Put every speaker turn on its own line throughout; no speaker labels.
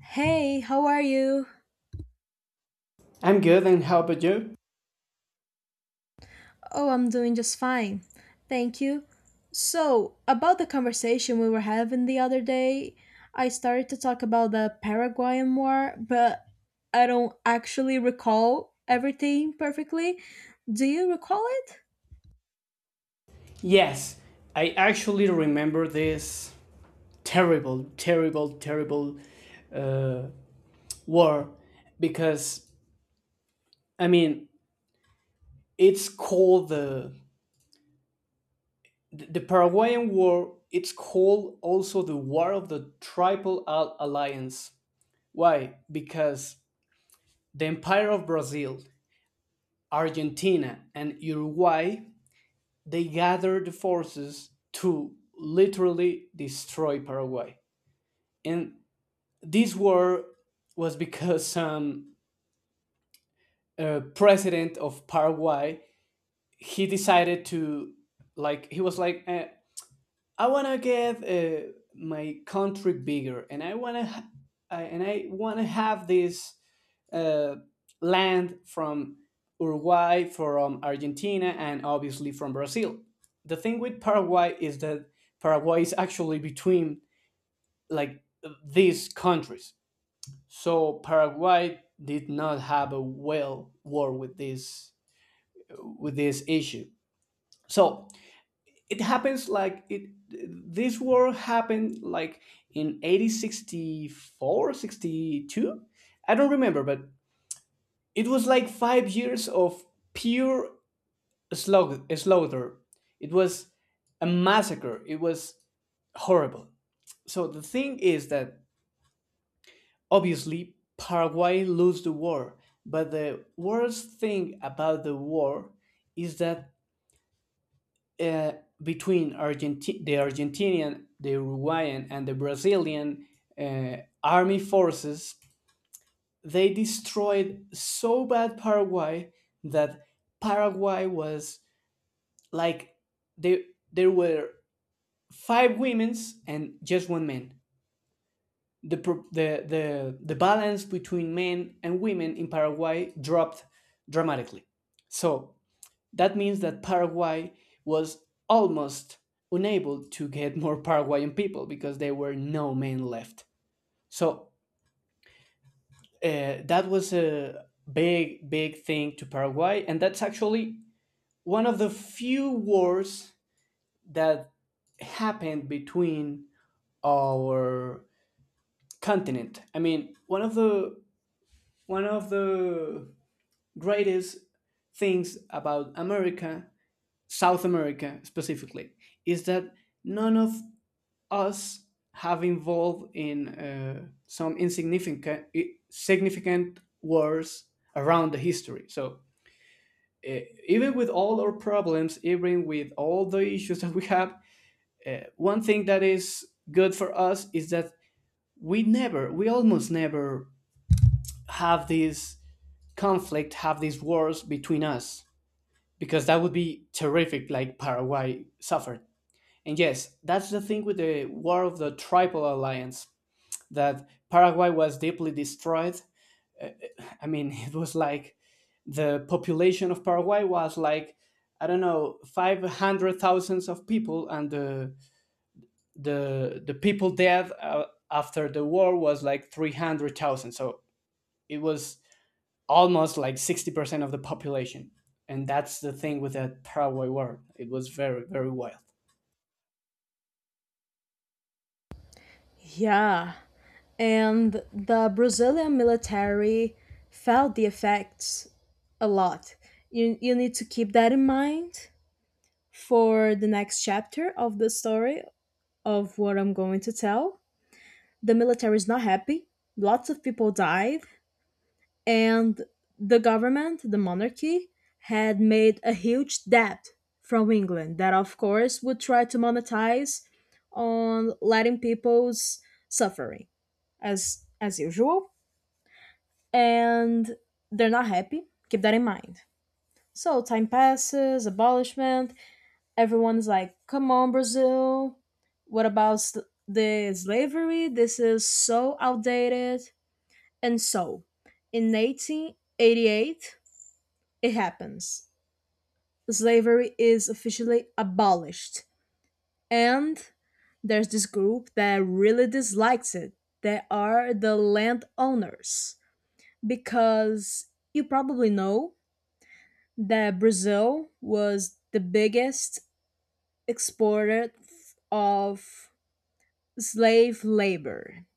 Hey, how are you?
I'm good, and how about you?
Oh, I'm doing just fine. Thank you. So, about the conversation we were having the other day, I started to talk about the Paraguayan War, but I don't actually recall everything perfectly. Do you recall it?
Yes, I actually remember this terrible, terrible, terrible war because I mean it's called the Paraguayan War. It's called also the War of the Triple Alliance. Why? Because the Empire of Brazil, Argentina, and Uruguay they gathered the forces to literally destroy Paraguay. And this war was because president of Paraguay he decided to, like he was like I want to get my country bigger, and I want to ha- I- and I want to have this uh, land from Uruguay, from Argentina, and obviously from Brazil. The thing with Paraguay is that Paraguay is actually between, like, these countries. So Paraguay did not have a well war with this issue. So it happens like it this war happened like in 1864, I don't remember, but it was like 5 years of pure slaughter. Slaughter, it was a massacre, it was horrible. So the thing is that obviously, Paraguay lost the war, but the worst thing about the war is that uh, between the Argentinian, the Uruguayan, and the Brazilian army forces, they destroyed so bad Paraguay that Paraguay was, like, there there were five women's and just one man. The, pro- the balance between men and women in Paraguay dropped dramatically. So that means that Paraguay was almost unable to get more Paraguayan people because there were no men left. So that was a big, big thing to Paraguay. And that's actually one of the few wars that happened between our continent. One of the greatest things about America, South America specifically, is that none of us have involved in some insignificant significant wars around the history. So uh, even with all our problems, even with all the issues that we have, one thing that is good for us is that we almost never have this conflict, have these wars between us, because that would be terrific like Paraguay suffered. And yes, that's the thing with the War of the Triple Alliance, that Paraguay was deeply destroyed. It was like the population of Paraguay was like, I don't know, 500 thousands of people, and the the people dead after the war was like 300,000. So it was almost like 60% of the population. And that's the thing with that Paraguay war. It was very, very wild.
Yeah, and the Brazilian military felt the effects a lot. You need to keep that in mind for the next chapter of the story of what I'm going to tell. The military is not happy. Lots of people died, and the government, the monarchy, had made a huge debt from England that, of course, would try to monetize on letting people's suffering, as usual. And they're not happy. Keep that in mind. So time passes, abolishment, everyone's like, come on, Brazil. What about the slavery? This is so outdated. And so, in 1888, it happens. Slavery is officially abolished. And there's this group that really dislikes it. They are the landowners. Because you probably know that Brazil was the biggest exporter of slave labor.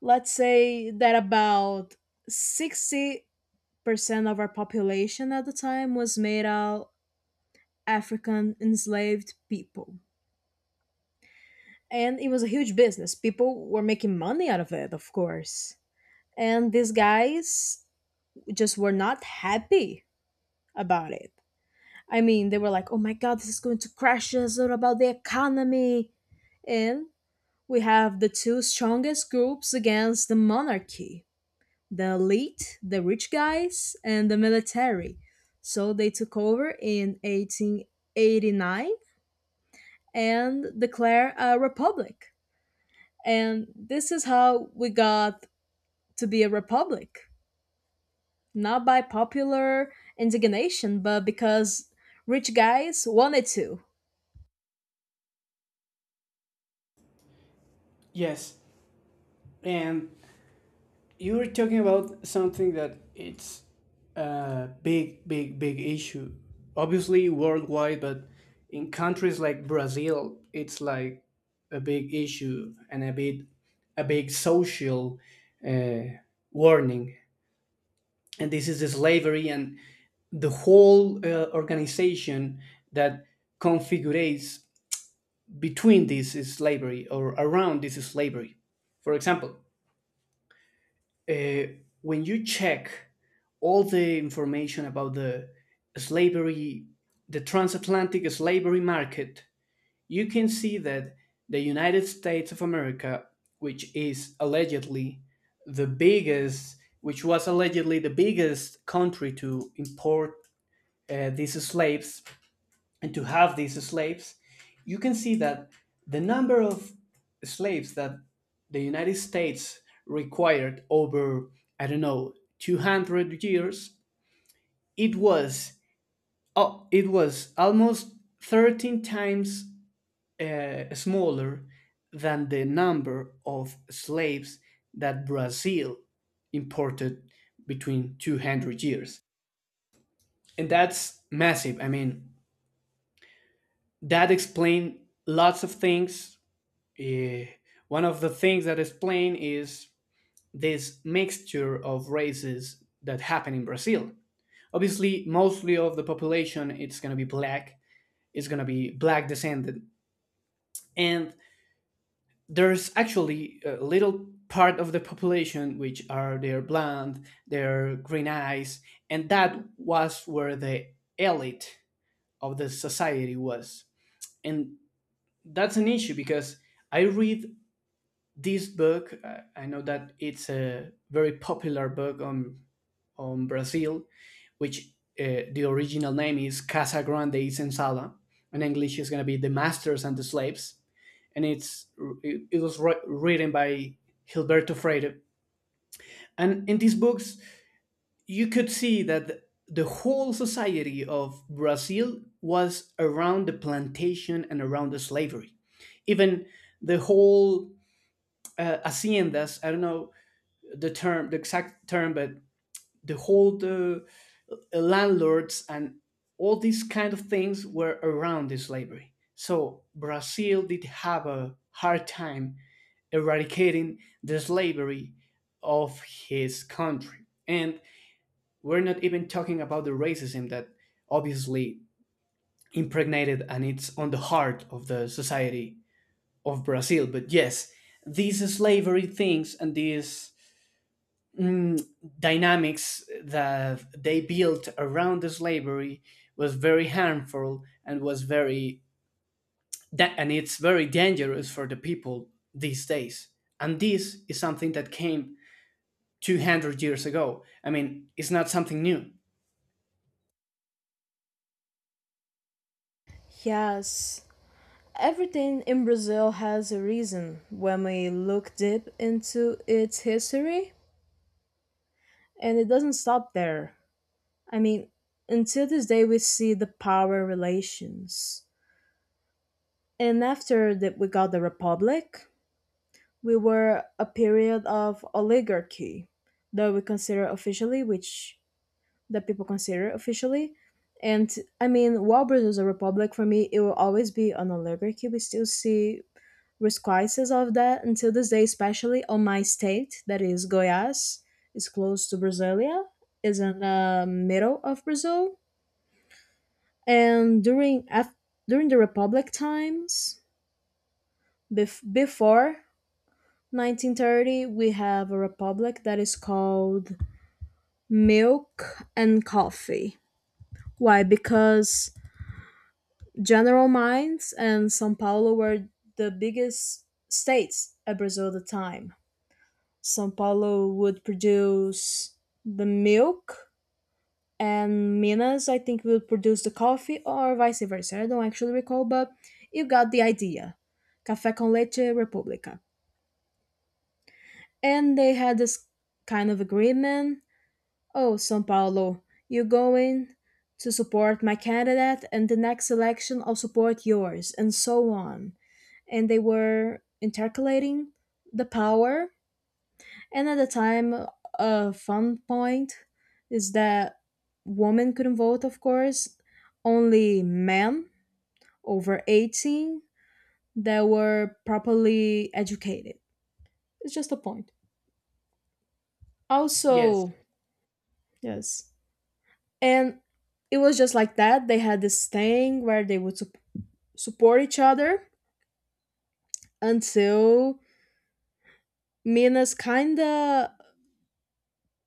Let's say that about 60% of our population at the time was made out African enslaved people. And it was a huge business. People were making money out of it, of course. And these guys just were not happy about it. I mean, they were like, oh my God, this is going to crash us. What about the economy? And we have the two strongest groups against the monarchy: the elite, the rich guys, and the military. So they took over in 1889 and declare a republic. And this is how we got to be a republic, not by popular indignation, but because rich guys wanted to.
Yes. And you were talking about something that it's a big, big, big issue. Obviously worldwide, but in countries like Brazil, it's like a big issue and a big social uh, warning, and this is the slavery and the whole organization that configurates between this slavery or around this slavery. For example, uh, when you check all the information about the slavery, the transatlantic slavery market, you can see that the United States of America, which is allegedly the biggest, which was allegedly the biggest country to import these slaves and to have these slaves, you can see that the number of slaves that the United States required over, I don't know, 200 years, it was, oh, it was almost 13 times smaller than the number of slaves that Brazil imported between 200 years. And that's massive. I mean, that explain lots of things. Eh, one of the things that explain is this mixture of races that happen in Brazil. Obviously, mostly of the population it's going to be black. It's going to be black descended, and there's actually a little part of the population which are their blonde, their green eyes, and that was where the elite of the society was. And that's an issue because I read this book. I know that it's a very popular book on Brazil which, the original name is Casa Grande y Senzala, in English is going to be the masters and the slaves, and it's was written by Gilberto Freire, and in these books you could see that the whole society of Brazil was around the plantation and around the slavery. Even the whole haciendas, I don't know the term, but the whole the landlords and all these kind of things were around the slavery. So Brazil did have a hard time eradicating the slavery of his country. And we're not even talking about the racism that obviously impregnated and it's on the heart of the society of Brazil. But yes, these slavery things and these mm, dynamics that they built around the slavery was very harmful and was very da- and it's very dangerous for the people these days, and this is something that came 200 years ago. I mean, it's not something new.
Yes, everything in Brazil has a reason when we look deep into its history, and it doesn't stop there. I mean, until this day, we see the power relations. And after that, we got the Republic, we were a period of oligarchy that we consider officially, which the people consider officially. And I mean, while Brazil is a republic, for me, it will always be an oligarchy. We still see resquistes of that until this day, especially on my state, that is Goiás, is close to Brasilia, is in the middle of Brazil, and during during the republic times before 1930, we have a republic that is called milk and coffee. Why? Because general mines and Sao Paulo were the biggest states at Brazil at the time. Sao Paulo would produce the milk, and Minas, I think, will produce the coffee, or vice versa. I don't actually recall, but you got the idea. Café con leche República. And they had this kind of agreement. Oh, São Paulo, you're going to support my candidate, and the next election I'll support yours, and so on. And they were intercalating the power. And at the time, a fun point is that women couldn't vote, of course, only men over 18 that were properly educated. It's just a point.
Yes,
Also, yes. And it was just like that. They had this thing where they would support each other until Minas kind of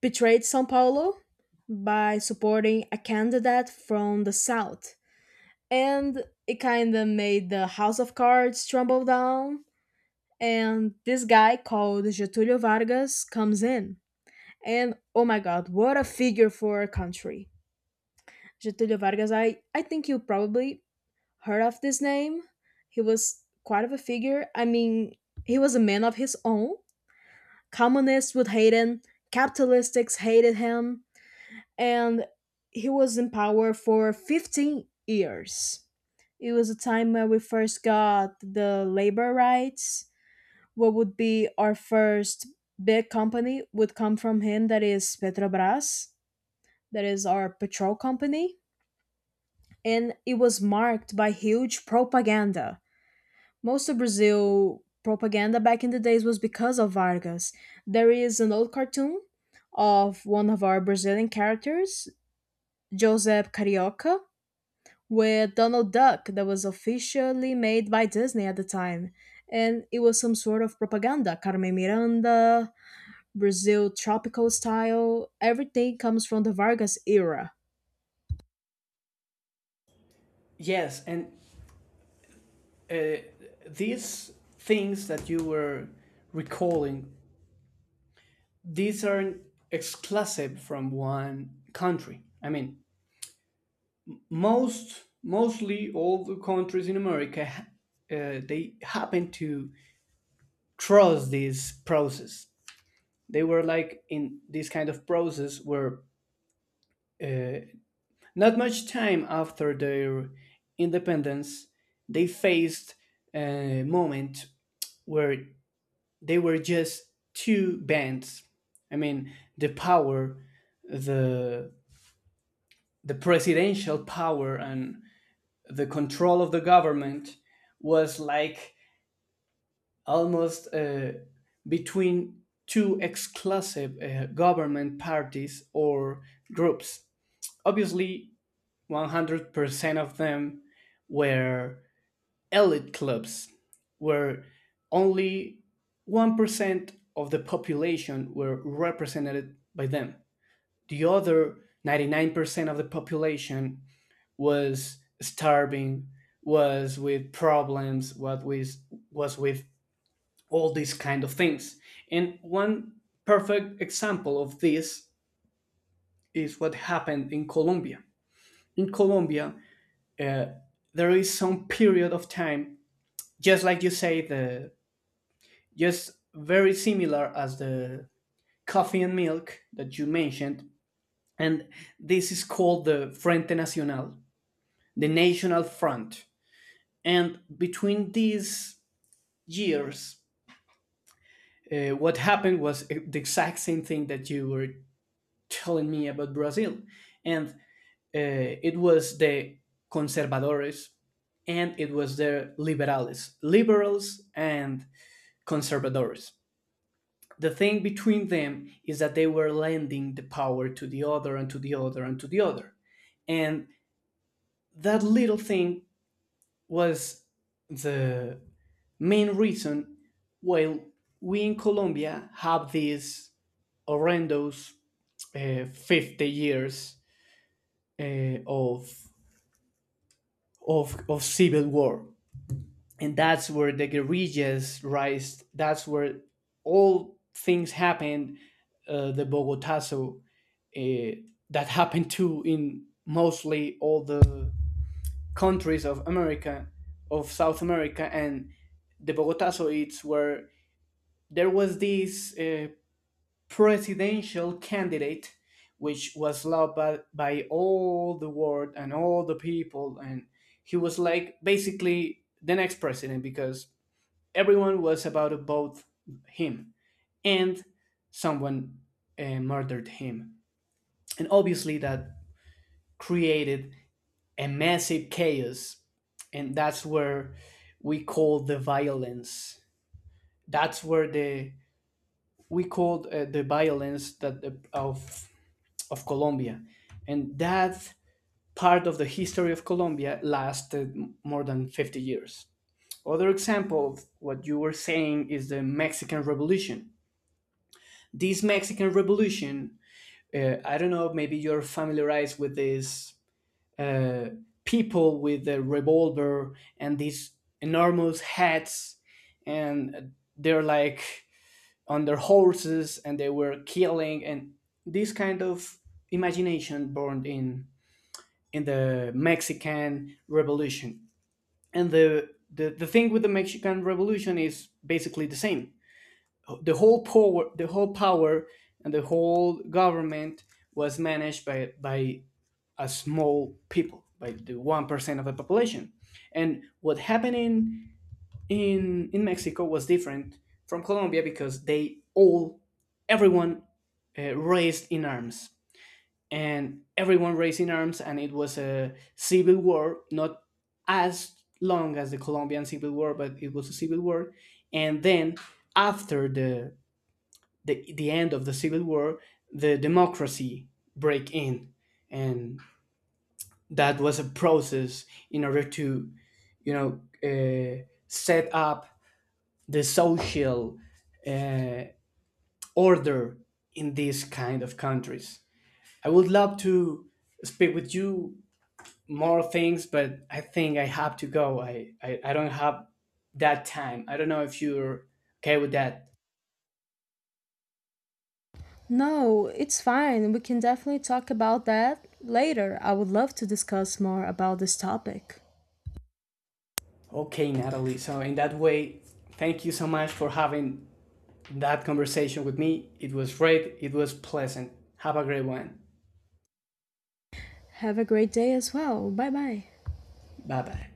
betrayed Sao Paulo by supporting a candidate from the south, and it kind of made the house of cards tumble down. And this guy called Getulio Vargas comes in, and oh my God, what a figure for a country. Getulio Vargas, I think you probably heard of this name. He was quite of a figure. I mean, he was a man of his own. Communists would hate him, capitalists hated him, and he was in power for 15 years. It was a time where we first got the labor rights. What would be our first big company would come from him, that is Petrobras, that is our petrol company. And it was marked by huge propaganda. Most of Brazil propaganda back in the days was because of Vargas. There is an old cartoon of one of our Brazilian characters, Joseph Carioca, with Donald Duck that was officially made by Disney at the time. And it was some sort of propaganda. Carmen Miranda, Brazil tropical style, everything comes from the Vargas era.
yes, and uh, these things that you were recalling, these aren't exclusive from one country. I mean, mostly all the countries in America, they happen to trust this process. They were like in this kind of process where, uh, not much time after their independence, they faced a moment where they were just two bands. I mean, the power, the the presidential power and the control of the government was like almost between two exclusive government parties or groups. Obviously, 100% of them were elite clubs, where only 1% of the population were represented by them. The other 99% of the population was starving, was with problems, what was with all these kind of things. And one perfect example of this is what happened in Colombia. In Colombia, uh, there is some period of time, just like you say, the just very similar as the coffee and milk that you mentioned, and this is called the Frente Nacional, the National Front. And between these years, what happened was the exact same thing that you were telling me about Brazil. And it was the conservadores and it was the liberales, liberals and conservadores. The thing between them is that they were lending the power to the other and to the other and to the other. And that little thing was the main reason why we in Colombia have these horrendous, 50 years of of civil war. And that's where the guerrillas rise, that's where all things happened, the bogotazo, uh, that happened too in mostly all the countries of America, of South America. And the bogotazo it's where there was this presidential candidate, which was loved by all the world and all the people. And he was like basically the next president because everyone was about to vote him. And someone murdered him. And obviously, that created a massive chaos. And that's where we call the violence. That's where the we called The violence that of Colombia. And that part of the history of Colombia lasted more than 50 years. Other example, of what you were saying is the Mexican Revolution. This Mexican Revolution, I don't know, maybe you're familiarized with these uh, people with a revolver and these enormous hats, and they're like on their horses and they were killing, and this kind of imagination born in the Mexican Revolution. And the thing with the Mexican Revolution is basically the same. The whole power and the whole government was managed by a small people, by the 1% of the population. And what happened in in Mexico was different from Colombia because they all everyone raised in arms. And everyone raised in arms and It was a civil war, not as long as the Colombian civil war, but it was a civil war. And then after the end of the civil war, the democracy break in. And that was a process in order to, you know, uh, set up the social uh, order in these kind of countries. I would love to speak with you more things, but I think I have to go. I don't have that time. I don't know if you're okay with that.
No, it's fine. We can definitely talk about that later. I would love to discuss more about this topic.
Okay, Natalie. So, in that way, thank you so much for having that conversation with me. It was great, it was pleasant. Have a great one.
Have a great day as well. Bye bye.
Bye bye.